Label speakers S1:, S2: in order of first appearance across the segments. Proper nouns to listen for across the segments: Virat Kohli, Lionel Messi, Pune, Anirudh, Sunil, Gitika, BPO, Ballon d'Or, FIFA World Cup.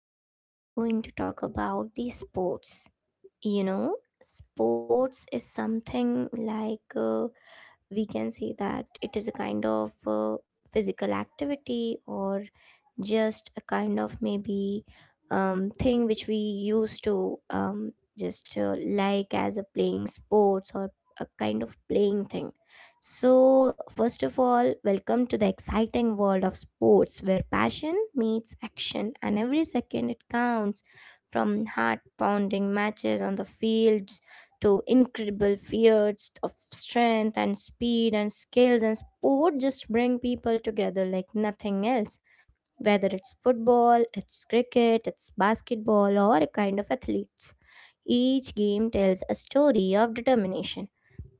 S1: today we are going to talk about the sports. You know, sports is something like we can say that it is a kind of physical activity or just a kind of maybe thing which we used to just like as a playing sports or a kind of playing thing. So, first of all, welcome to the exciting world of sports where passion meets action and every second it counts, from heart pounding matches on the fields to incredible feats of strength and speed and skills, and sport just bring people together like nothing else. Whether it's football, it's cricket, it's basketball, or a kind of athletes, each game tells a story of determination,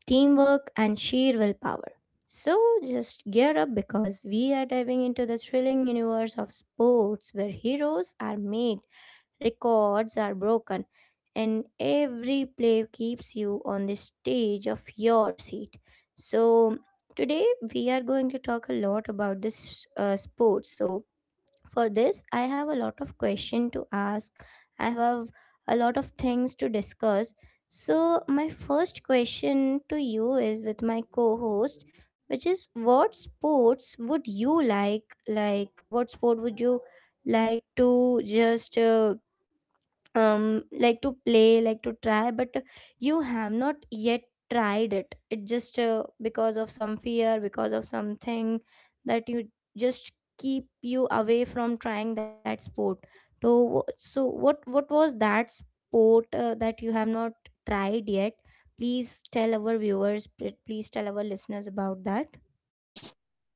S1: teamwork and sheer willpower. So just gear up because we are diving into the thrilling universe of sports where heroes are made, records are broken, and every play keeps you on the stage of your seat. So, today we are going to talk a lot about this sport. So, for this, I have a lot of question to ask. I have a lot of things to discuss. So, my first question to you is with my co host, which is, what sports would you like? Like, what sport would you like to just like to play, like to try, but you have not yet tried it, it just because of some fear, because of something that you just keep you away from trying that sport? So what was that sport that you have not tried yet? Please tell our viewers, please tell our listeners about that.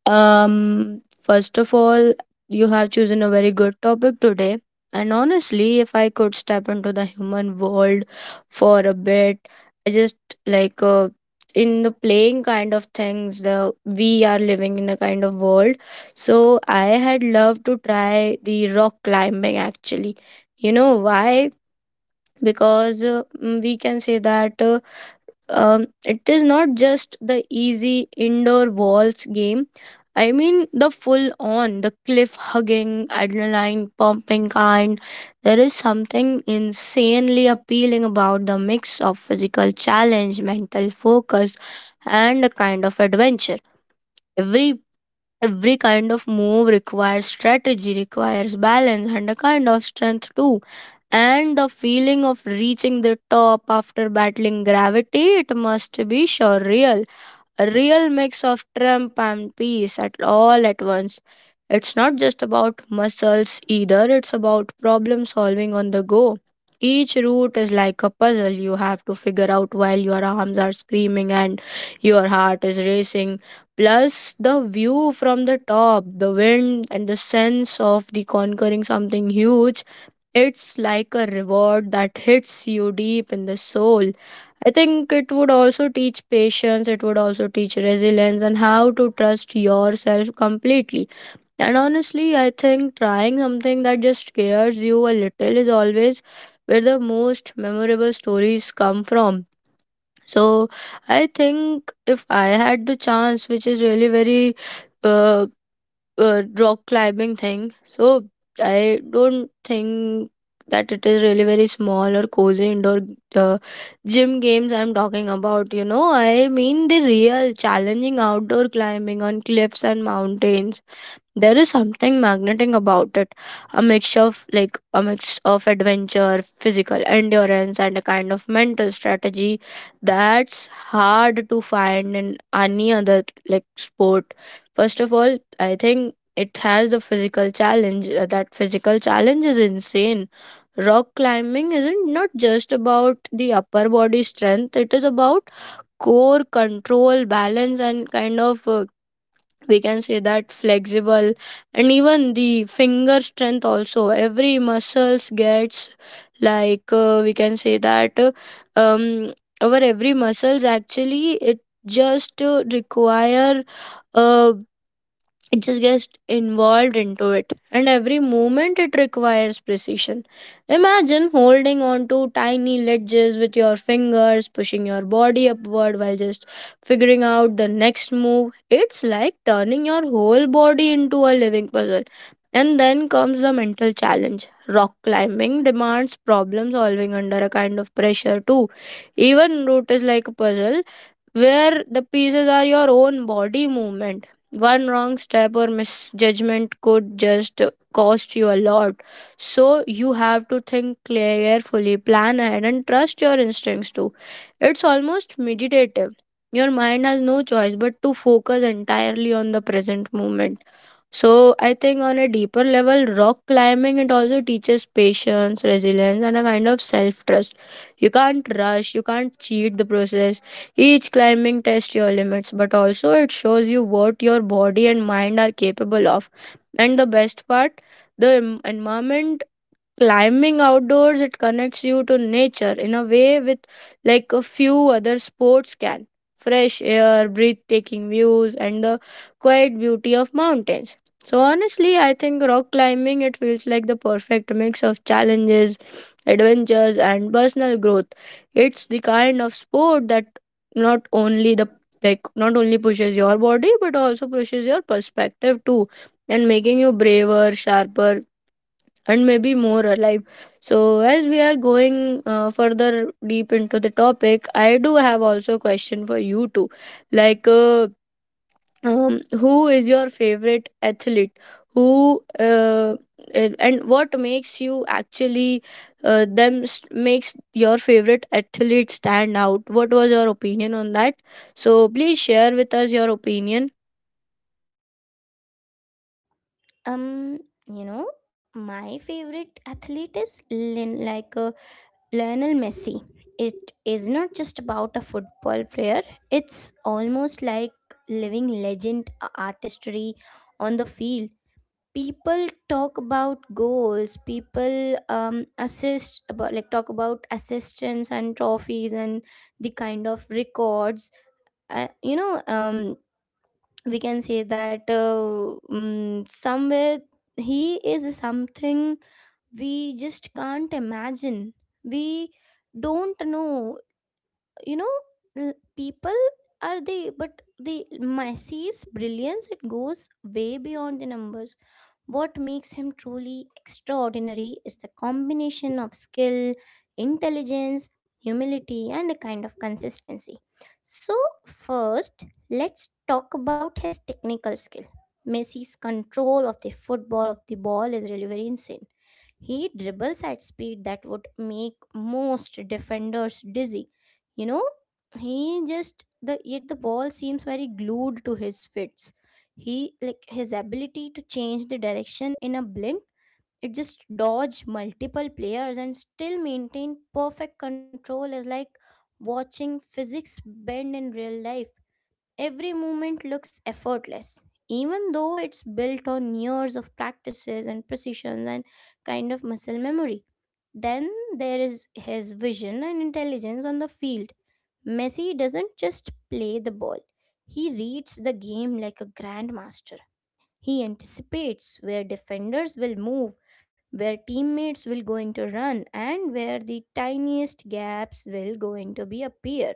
S2: First of all, you have chosen a very good topic today. And honestly, if I could step into the human world for a bit, I just like uh, in the playing kind of things, the we are living in a kind of world. So I had loved to try the rock climbing actually. You know why? Because we can say that. It is not just the easy indoor walls game. I mean the full on, the cliff hugging, adrenaline pumping kind. There is something insanely appealing about the mix of physical challenge, mental focus, and a kind of adventure. Every every kind of move requires strategy, requires balance, and a kind of strength too and the feeling of reaching the top after battling gravity, it must be surreal. A real mix of triumph and peace at all at once. It's not just about muscles either, it's about problem solving on the go. Each route is like a puzzle you have to figure out while your arms are screaming and your heart is racing. Plus, the view from the top, the wind, and the sense of the conquering something huge it's like a reward that hits you deep in the soul. I think it would also teach patience, it would also teach resilience and how to trust yourself completely. And honestly, I think trying something that just scares you a little is always where the most memorable stories come from. So, I think if I had the chance, which is really very uh, rock climbing thing. So I don't think that it is really very small or cozy indoor uh, gym games I'm talking about. You know, I mean the real challenging outdoor climbing on cliffs and mountains there is something magnetic about it a mix of adventure physical endurance and a kind of mental strategy that's hard to find in any other like sport. First of all, I think it has the physical challenge, that physical challenge is insane. Rock climbing isn't not just about the upper body strength, it is about core control, balance, and kind of we can say that flexible, and even the finger strength also. Every muscles gets like we can say that um our every muscles actually, it just require uh, it just gets involved into it, and every movement it requires precision. Imagine holding on to tiny ledges with your fingers pushing your body upward while just figuring out the next move. It's like turning your whole body into a living puzzle. And then comes the mental challenge. Rock climbing demands problem solving under a kind of pressure too. Even route is like a puzzle where the pieces are your own body movement. One wrong step or misjudgment could just cost you a lot. So you have to think carefully, plan ahead, and trust your instincts too. It's almost meditative. Your mind has no choice but to focus entirely on the present moment. So I think on a deeper level, rock climbing it also teaches patience, resilience, and a kind of self-trust. You can't rush, you can't cheat the process. Each climbing tests your limits, but also it shows you what your body and mind are capable of. And the best part, the environment, climbing outdoors it connects you to nature in a way with like a few other sports can. Fresh air, breathtaking views, and the quiet beauty of mountains. So honestly, I think rock climbing it feels like the perfect mix of challenges, adventures, and personal growth. It's the kind of sport that not only the not only pushes your body but also pushes your perspective too, and making you braver, sharper, and maybe more alive. So, as we are going further deep into the topic, I do have also a question for you too. Like, uh, who is your favorite athlete? Who and what makes you actually makes your favorite athlete stand out? What was your opinion on that? So, please share with us your opinion.
S1: um you know, my favorite athlete is Lin, like Lionel Messi. It is not just about a football player, it's almost like living legend artistry on the field. People talk about goals, people assist about, like, talk about assistants and trophies and the kind of records. You know, we can say that somewhere he is something we just can't imagine, we don't know, you know, people are they, but the Messi's brilliance, it goes way beyond the numbers. What makes him truly extraordinary is the combination of skill, intelligence, humility, and a kind of consistency. So, first, let's talk about his technical skill. Messi's control of the football, of the ball, is really very insane. He dribbles at speed that would make most defenders dizzy. You know, he just the yet the ball seems very glued to his fits. He like his ability to change the direction in a blink. It just dodge multiple players and still maintain perfect control is like watching physics bend in real life. Every movement looks effortless, even though it's built on years of practices and precision and kind of muscle memory. Then there is his vision and intelligence on the field. Messi doesn't just play the ball, he reads the game like a grandmaster. He anticipates where defenders will move, where teammates will going to run, and where the tiniest gaps will going to be appear.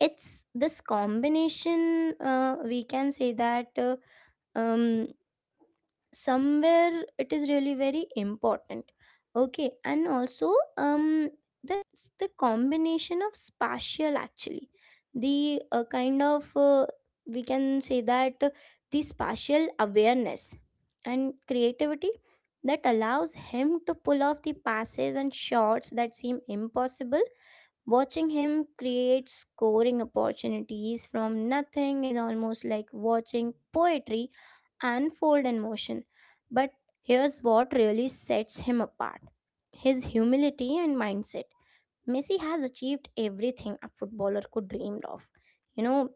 S1: It's this combination, we can say that um, somewhere it is really very important. Okay, and also, um the the combination of spatial, actually, the kind of we can say that, the spatial awareness and creativity that allows him to pull off the passes and shots that seem impossible. Watching him create scoring opportunities from nothing is almost like watching poetry unfold in motion. But here's what really sets him apart, his humility and mindset. Messi has achieved everything a footballer could dream of, you know,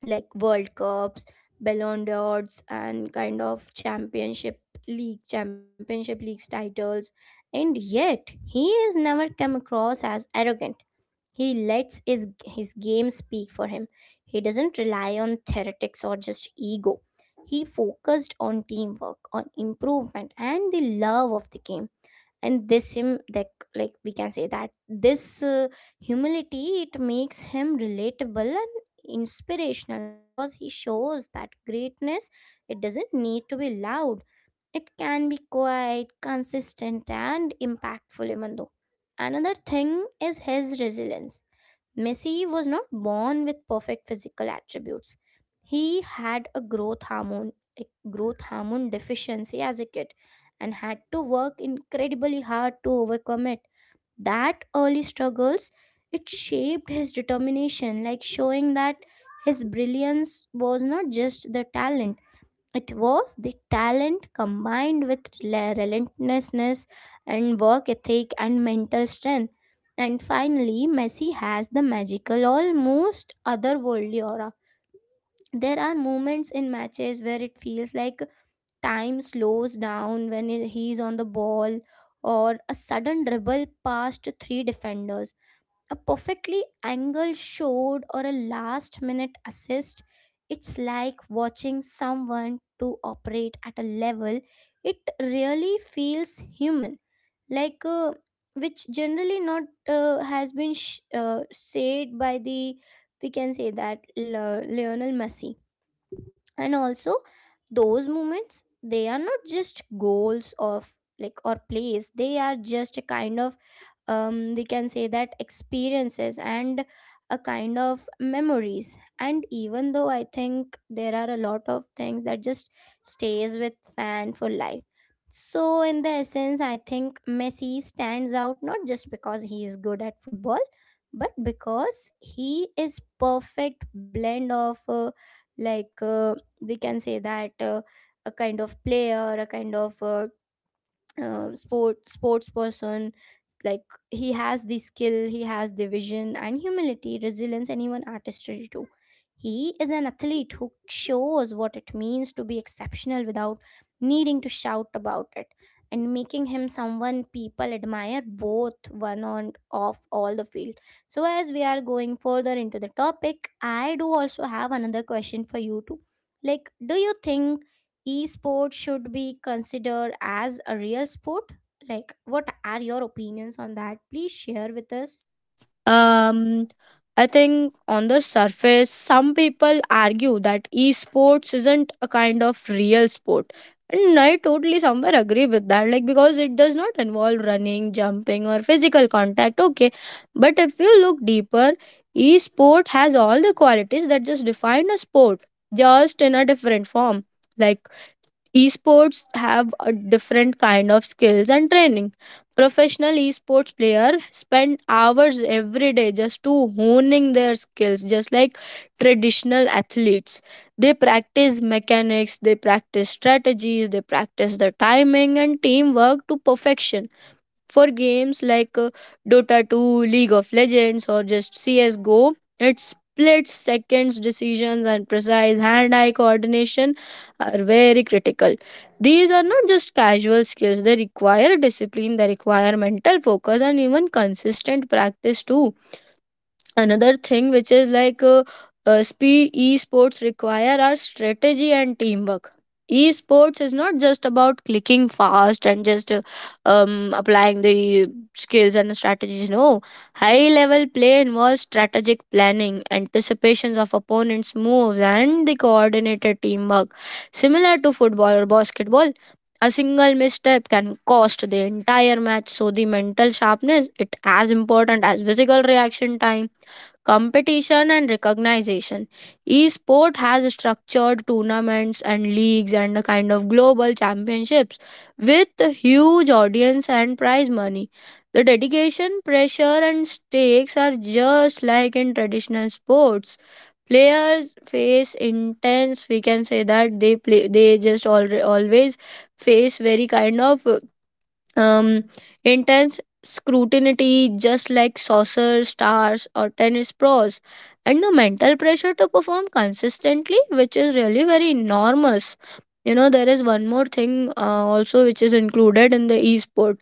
S1: like World Cups, Ballon d'Ors, and kind of championship league, championship leagues titles. And yet, he has never come across as arrogant. He lets his game speak for him. He doesn't rely on theoretics or just ego. He focused on teamwork, on improvement, and the love of the game. And this him, like, we can say that this humility, it makes him relatable and inspirational because he shows that greatness, it doesn't need to be loud. It can be quiet, consistent, and impactful even though. Another thing is his resilience. Messi was not born with perfect physical attributes. He had a growth hormone deficiency as a kid, and had to work incredibly hard to overcome it. That early struggles, it shaped his determination, like showing that his brilliance was not just the talent, it was the talent combined with relentlessness and work ethic and mental strength. And finally, Messi has the magical, almost otherworldly aura. There are moments in matches where it feels like time slows down when he's on the ball, or a sudden dribble past three defenders, a perfectly angled shot or a last minute assist, it's like watching someone to operate at a level it really feels human, like, which generally not has been said by the, we can say that, Lionel Messi. And also those moments, they are not just goals of, like, or plays, they are just a kind of, we can say that, experiences and a kind of memories. And even though, I think there are a lot of things that just stays with fan for life. So in the essence, I think Messi stands out not just because he is good at football, but because he is perfect blend of, like uh, we can say that, a kind of player, a kind of sports person. Like, he has the skill, he has the vision and humility, resilience and even artistry too. He is an athlete who shows what it means to be exceptional without needing to shout about it, and making him someone people admire both one and off all the field. So as we are going further into the topic, I do also have another question for you too. Like, do you think esports should be considered as a real sport? Like, what are your opinions on that? Please share with us.
S2: Um, I think on the surface, some people argue that esports isn't a kind of real sport. And I totally somewhere agree with that, like because it does not involve running, jumping, or physical contact. Okay. But if you look deeper, esport has all the qualities that just define a sport, just in a different form. Like esports have a different kind of skills and training. Professional esports players spend hours every day just to honing their skills just like traditional athletes. They practice mechanics, they practice strategies, they practice the timing and teamwork to perfection for games like Dota 2, League of Legends, or just CSGO, its split seconds decisions and precise hand eye coordination are very critical. These are not just casual skills, they require discipline, they require mental focus, and even consistent practice too. Another thing which is esports require our strategy and teamwork. Esports is not just about clicking fast and just applying the skills and strategies. No, high level play involves strategic planning, anticipations of opponents moves, and the coordinated teamwork similar to football or basketball. A single misstep can cost the entire match, so the mental sharpness it as important as physical reaction time. Competition and recognition. Esport has structured tournaments and leagues and a kind of global championships with huge audience and prize money. The dedication, pressure, and stakes are just like in traditional sports. Players face intense, we can say that they play, they just always face very kind of um intense scrutiny just like saucer stars or tennis pros, and the mental pressure to perform consistently which is really very enormous. You know, there is one more thing also which is included in the esport.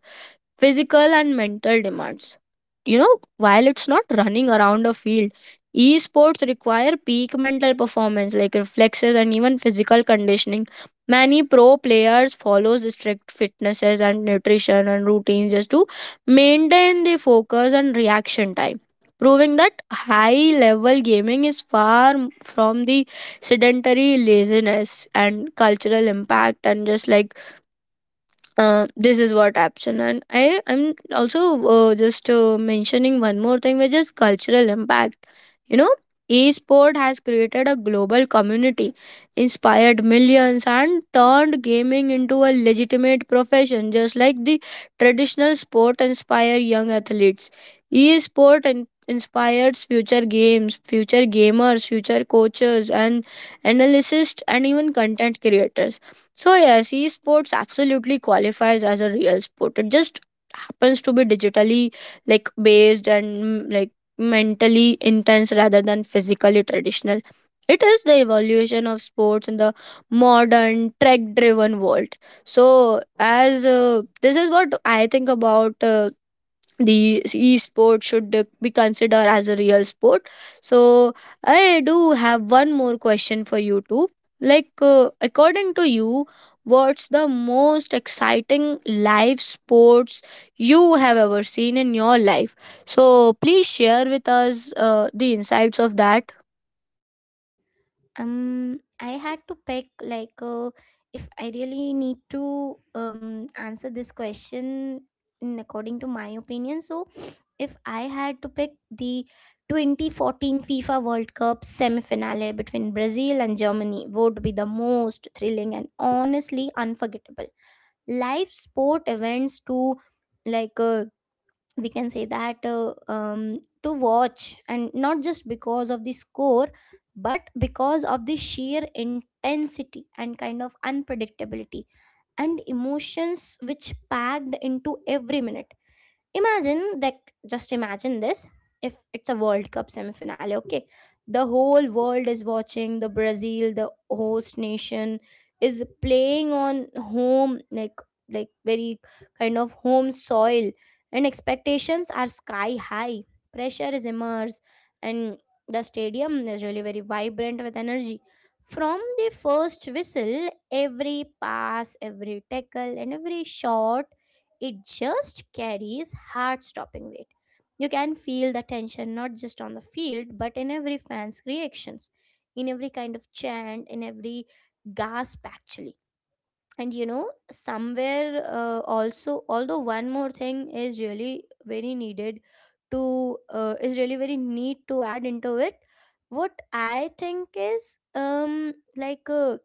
S2: Physical and mental demands. You know, while it's not running around a field, esports require peak mental performance like reflexes and even physical conditioning. Many pro players follow strict fitnesses and nutrition and routines just to maintain the focus and reaction time, proving that high level gaming is far from the sedentary laziness and cultural impact and just this is what option, and I am also just mentioning one more thing which is cultural impact. You know, esport has created a global community, inspired millions, and turned gaming into a legitimate profession. Just like the traditional sport inspire young athletes, esport inspires future games, future gamers, future coaches and analysts and even content creators. So yes, esports absolutely qualifies as a real sport. It just happens to be digitally like based and mentally intense rather than physically traditional. It is the evolution of sports in the modern tech driven world. So as this is what I think about the e-sport should be considered as a real sport. So I do have one more question for you too. According to you, what's the most exciting live sports you have ever seen in your life? So please share with us the insights of that.
S1: I had to pick, like, if I really need to answer this question, in according to my opinion. So if I had to pick, the 2014 FIFA World Cup semi-finale between Brazil and Germany would be the most thrilling and honestly unforgettable live sport events to, like, we can say that, to watch, and not just because of the score, but because of the sheer intensity and kind of unpredictability and emotions which packed into every minute. Imagine that, just imagine this, if it's a World Cup semifinale, okay? The whole world is watching, the Brazil, the host nation, is playing on home, like very kind of home soil, and expectations are sky high. Pressure is immense, and the stadium is really very vibrant with energy. From the first whistle, every pass, every tackle, and every shot, it just carries heart stopping weight. You can feel the tension not just on the field, but in every fan's reactions, in every kind of chant, in every gasp, actually. And you know, somewhere, also, although one more thing is really very needed to, is really very need to add into it. What I think is,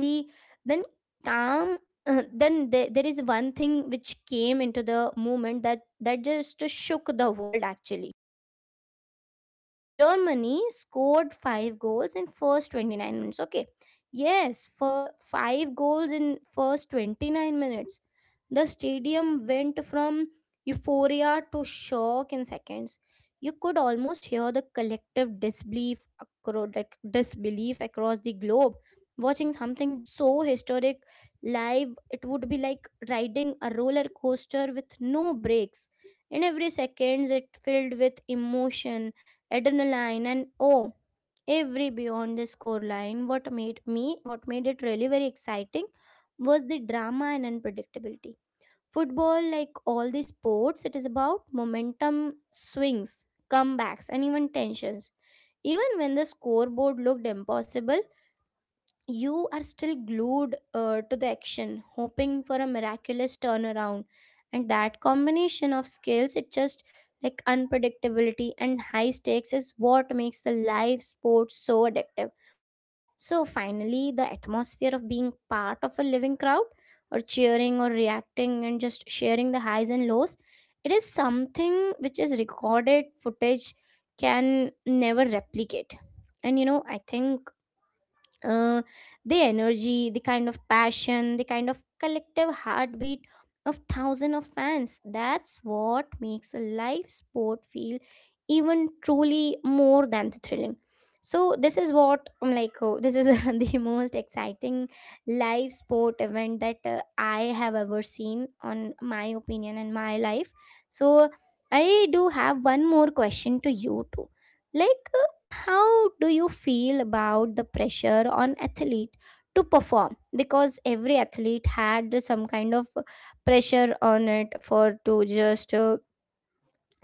S1: the then calm then there is one thing which came into the movement that just shook the world, actually. Germany scored five goals in first 29 minutes. Okay. Yes, for five goals in first 29 minutes. The stadium went from euphoria to shock in seconds. You could almost hear the collective disbelief like, disbelief across the globe. Watching something so historic live, it would be like riding a roller coaster with no brakes. In every seconds, it filled with emotion, adrenaline and oh, every beyond the score line, what made me, what made it really very exciting was the drama and unpredictability. Football, like all the sports, it is about momentum, swings, comebacks and even tensions. Even when the scoreboard looked impossible, you are still glued to the action, hoping for a miraculous turnaround. And that combination of skills, it just like unpredictability and high stakes is what makes the live sport so addictive. So finally, the atmosphere of being part of a living crowd, or cheering or reacting and just sharing the highs and lows, it is something which is recorded footage can never replicate. And you know, I think, uh, the energy, the kind of passion, the kind of collective heartbeat of thousands of fans. That's what makes a live sport feel even truly more than the thrilling. So this is what I'm like. Oh, this is the most exciting live sport event that I have ever seen, on my opinion and my life. So I do have one more question to you too. Like, how do you feel about the pressure on athlete to perform? Because every athlete had some kind of pressure on it for to just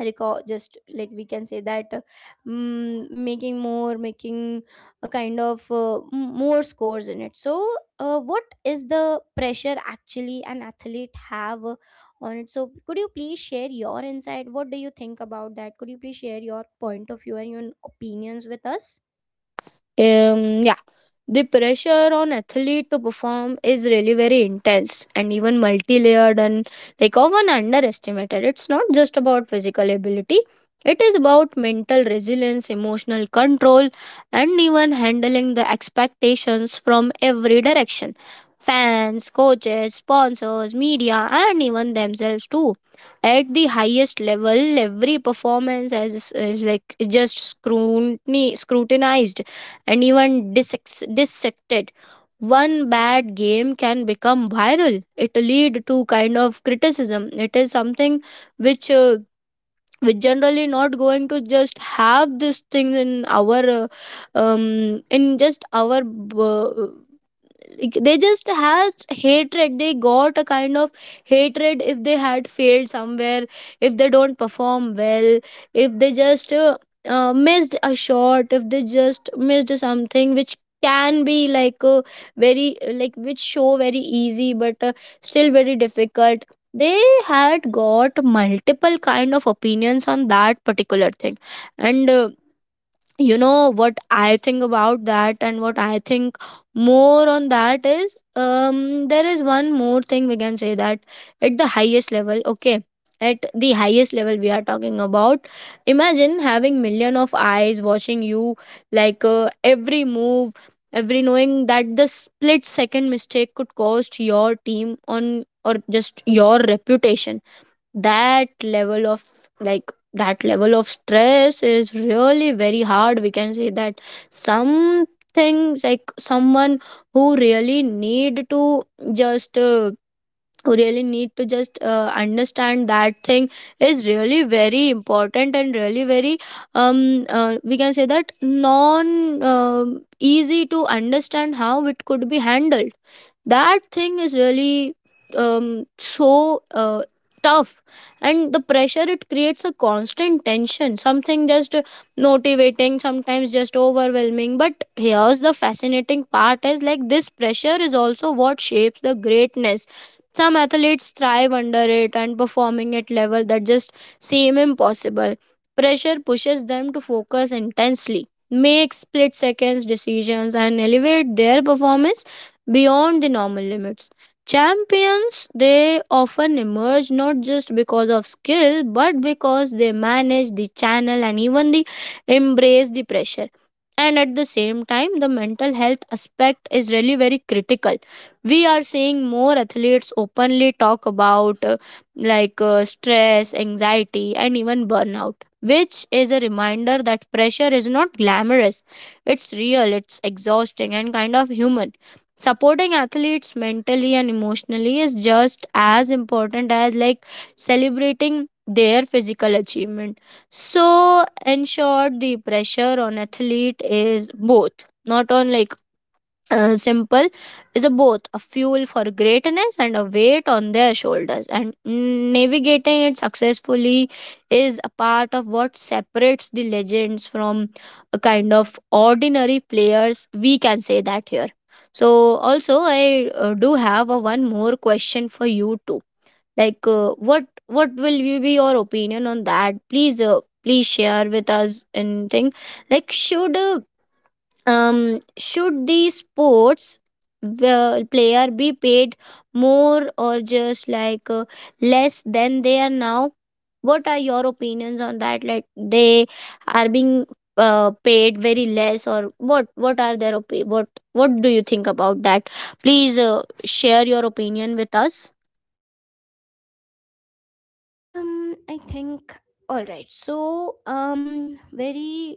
S1: recall just like we can say that making a kind of more scores in it. So what is the pressure actually an athlete have on it? So could you please share your insight? What do you think about that? Could you please share your point of view and your opinions with us?
S2: Yeah. The pressure on athlete to perform is really very intense and even multi-layered and like often underestimated. It's not just about physical ability. It is about mental resilience, emotional control, and even handling the expectations from every direction. Fans, coaches, sponsors, media, and even themselves too. At the highest level, every performance is like just scrutinized and even dissected. One bad game can become viral. It lead to kind of criticism. It is something which we generally not going to just have this thing in our in just our uh, like, they just has hatred. They got a kind of hatred if they had failed somewhere, if they don't perform well, if they just missed a shot, if they just missed something which can be like a very, like, which show very easy, but still very difficult. They had got multiple kind of opinions on that particular thing. And you know what I think about that. And what I think more on that is, there is one more thing we can say that at the highest level. Okay, at the highest level we are talking about, imagine having million of eyes watching you, like, every move, every knowing that the split second mistake could cost your team on or just your reputation. That level of, like, that level of stress is really very hard, we can say that. Some things, like someone who really need to just uh, just understand that thing is really very important, and really very we can say that non easy to understand how it could be handled. That thing is really so tough. And the pressure, it creates a constant tension, something just motivating, sometimes just overwhelming. But here's the fascinating part is, like, this pressure is also what shapes the greatness. Some athletes thrive under it and performing at level that just seem impossible. Pressure pushes them to focus intensely, make split seconds decisions, and elevate their performance beyond the normal limits. Champions, they often emerge not just because of skill, but because they manage the channel and even the embrace the pressure. And at the same time, the mental health aspect is really very critical. We are seeing more athletes openly talk about like stress, anxiety, and even burnout, which is a reminder that pressure is not glamorous. It's real, it's exhausting, and kind of human. Supporting athletes mentally and emotionally is just as important as, like, celebrating their physical achievement. So in short, the pressure on athlete is both, not on like simple, is a both a fuel for greatness and a weight on their shoulders, and navigating it successfully is a part of what separates the legends from a kind of ordinary players, we can say that here. So also, I do have a one more question for you too, like, what will you be your opinion on that? Please share with us anything, like, should the sports player be paid more or just, like, less than they are now? What are your opinions on that? Like, they are being paid very less, or what? What do you think about that? Please share your opinion with us.
S1: I think. All right, so very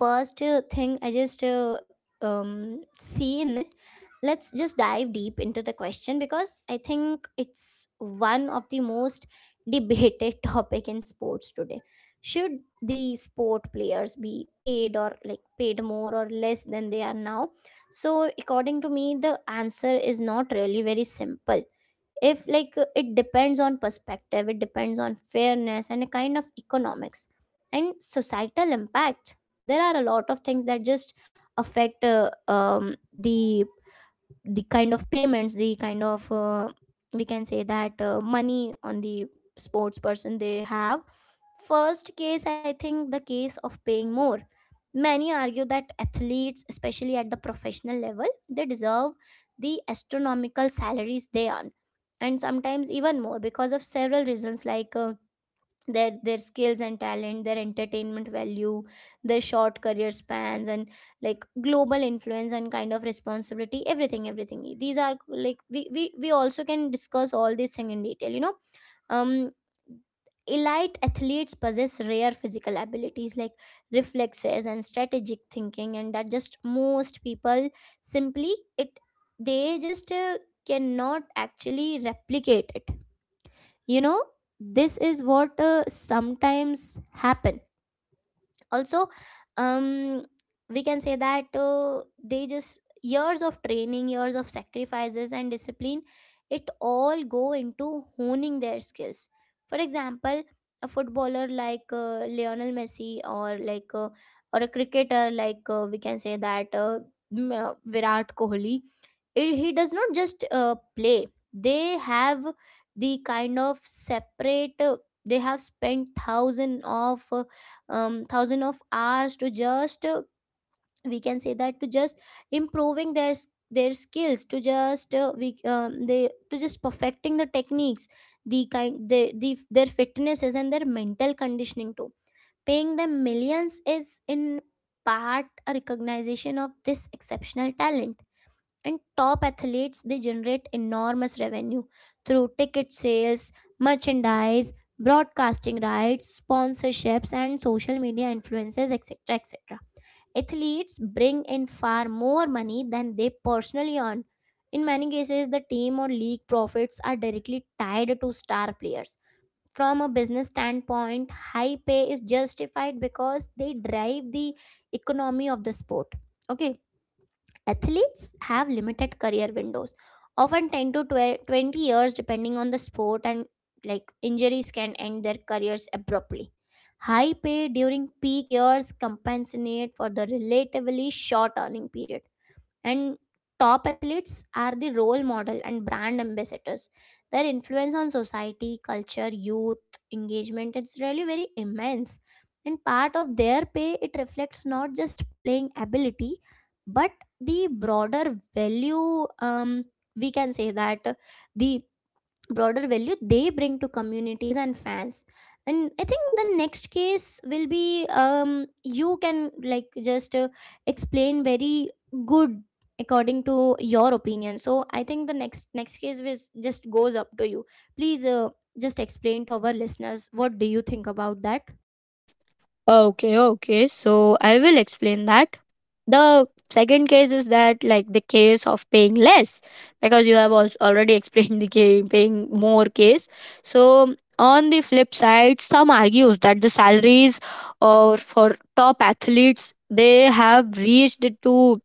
S1: first thing I just see in it. Let's just dive deep into the question, because I think it's one of the most debated topic in sports today. Should the sport players be paid, or like paid more or less than they are now? So according to me, the answer is not really very simple. If like it depends on perspective, it depends on fairness and a kind of economics and societal impact. There are a lot of things that just affect the kind of payments, the kind of we can say that money on the sports person they have. First case, I think the case of paying more. Many argue that athletes, especially at the professional level, they deserve the astronomical salaries they earn, and sometimes even more, because of several reasons like their skills and talent, their entertainment value, their short career spans, and like global influence and kind of responsibility. Everything, everything, these are like we also can discuss all these thing in detail. um Elite athletes possess rare physical abilities like reflexes and strategic thinking, and that just most people simply it they just cannot actually replicate it you know this is what sometimes happen also. um we can say that they just years of training, years of sacrifices and discipline, it all go into honing their skills. For example, a footballer like Lionel Messi, or like or a cricketer like we can say that Virat Kohli, he does not just play. They have the kind of separate they have spent thousands of thousand of hours to just we can say that to just improving their skills, to just we they to just perfecting the techniques, their fitnesses and their mental conditioning too. Paying them millions is in part a recognition of this exceptional talent. And top athletes, they generate enormous revenue through ticket sales, merchandise, broadcasting rights, sponsorships and social media influences, etc, etc. Athletes bring in far more money than they personally earn. In many cases, the team or league profits are directly tied to star players. From a business standpoint, high pay is justified because they drive the economy of the sport. Okay. Athletes have limited career windows, often 10 to 12-20 years depending on the sport, and like injuries can end their careers abruptly. High pay during peak years compensate for the relatively short earning period. And top athletes are the role model and brand ambassadors. Their influence on society, culture, youth, engagement is really very immense. And part of their pay, it reflects not just playing ability, but the broader value. We can say that the broader value they bring to communities and fans. And I think the next case will be you can like just explain very good according to your opinion. So I think the next case is just goes up to you. Please just explain to our listeners what do you think about that.
S2: Okay, okay. So I will explain that. The second case is that, like, the case of paying less, because you have also already explained the paying more case. So on the flip side, some argues that the salaries or for top athletes they have reached to,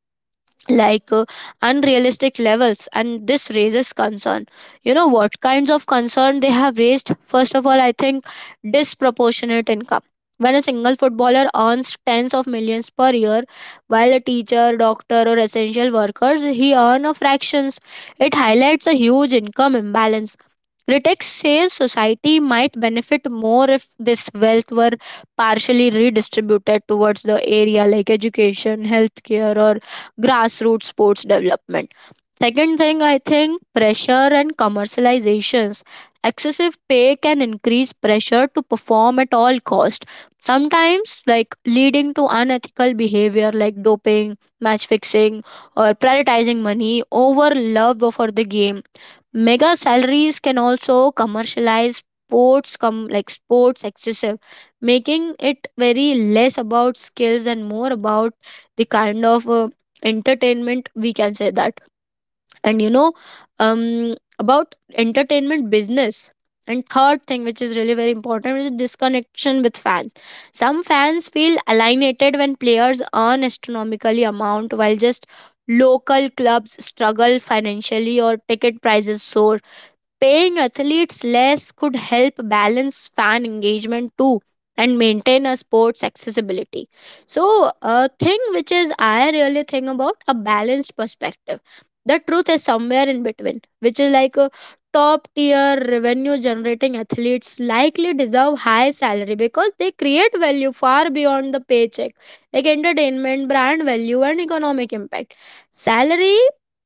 S2: like, unrealistic levels, and this raises concern. You know what kinds of concern they have raised? First of all, I think disproportionate income. When a single footballer earns tens of millions per year, while a teacher, doctor, or essential workers he earn a fractions, it highlights a huge income imbalance. Critics say society might benefit more if this wealth were partially redistributed towards the area like education, healthcare, or grassroots sports development. Second thing, I think pressure and commercializations. Excessive pay can increase pressure to perform at all cost. Sometimes, like, leading to unethical behavior like doping, match fixing, or prioritizing money over love for the game. Mega salaries can also commercialize sports like sports excessive, making it very less about skills and more about the kind of entertainment, we can say that. And, you know, about entertainment business. And third thing, which is really very important, is disconnection with fans. Some fans feel alienated when players earn astronomically amount, while just local clubs struggle financially or ticket prices soar. Paying athletes less could help balance fan engagement too and maintain a sport's accessibility. So, a thing which is I really think about a balanced perspective. The truth is somewhere in between, which is like a top tier revenue generating athletes likely deserve high salary because they create value far beyond the paycheck, like entertainment, brand value, and economic impact. Salary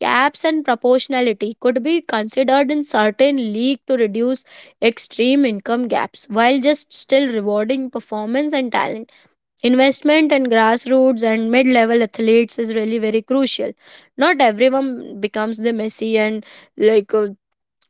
S2: caps and proportionality could be considered in certain leagues to reduce extreme income gaps while just still rewarding performance and talent. Investment in grassroots and mid level athletes is really very crucial. Not everyone becomes the Messi and, like,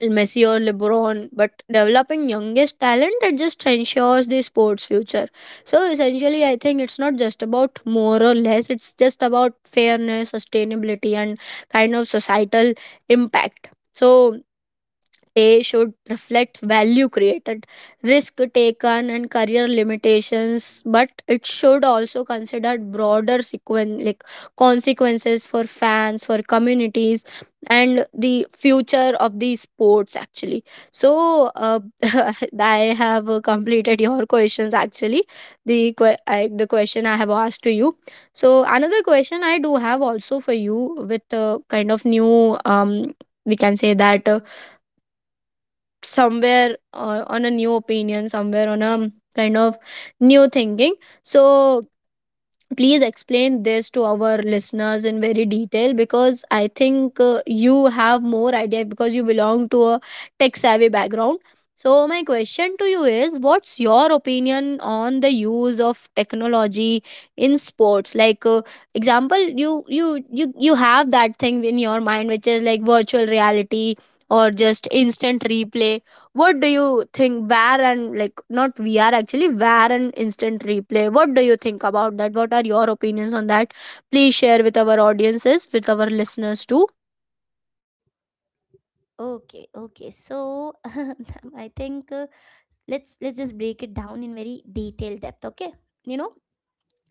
S2: Messi or LeBron, but developing youngest talent it just ensures the sport's future. So essentially, I think it's not just about more or less; it's just about fairness, sustainability, and kind of societal impact. So a should reflect value created, risk taken, and career limitations, but it should also consider broader like consequences for fans, for communities, and the future of the sports actually. So, I have completed your questions actually. The question I have asked to you. So, another question I do have also for you with kind of new we can say that. Somewhere on a new opinion, somewhere on a kind of new thinking. So please explain this to our listeners in very detail, because I think you have more idea because you belong to a tech savvy background. So my question to you is, what's your opinion on the use of technology in sports, like, example, you have that thing in your mind which is like virtual reality or just instant replay? What do you think where and, like, not VR actually, where and instant replay, what do you think about that? What are your opinions on that? Please share with our audiences, with our listeners too.
S1: Okay, okay, so I think let's just break it down in very detailed depth, okay? You know,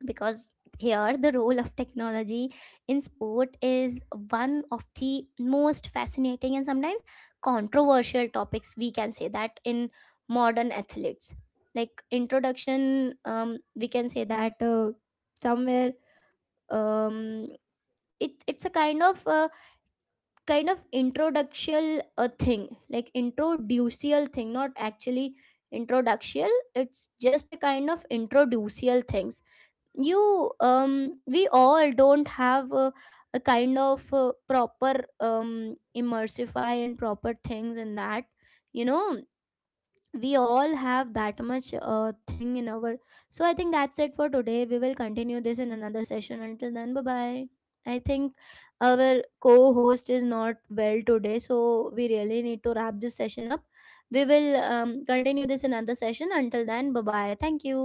S1: because here the role of technology in sport is one of the most fascinating and sometimes controversial topics, we can say that in modern athletes. Like introduction, we can say that somewhere, um, it's a kind of introductional thing, like introducial thing, not actually introductional, it's just a kind of introducial things. You we all don't have a kind of proper immersify and proper things in that you know we all have that much thing in our. So I think that's it for today. We will continue this in another session. Until then, bye bye. I think our co-host is not well today, so we really need to wrap this session up. We will continue this in another session. Until then, bye bye. Thank you.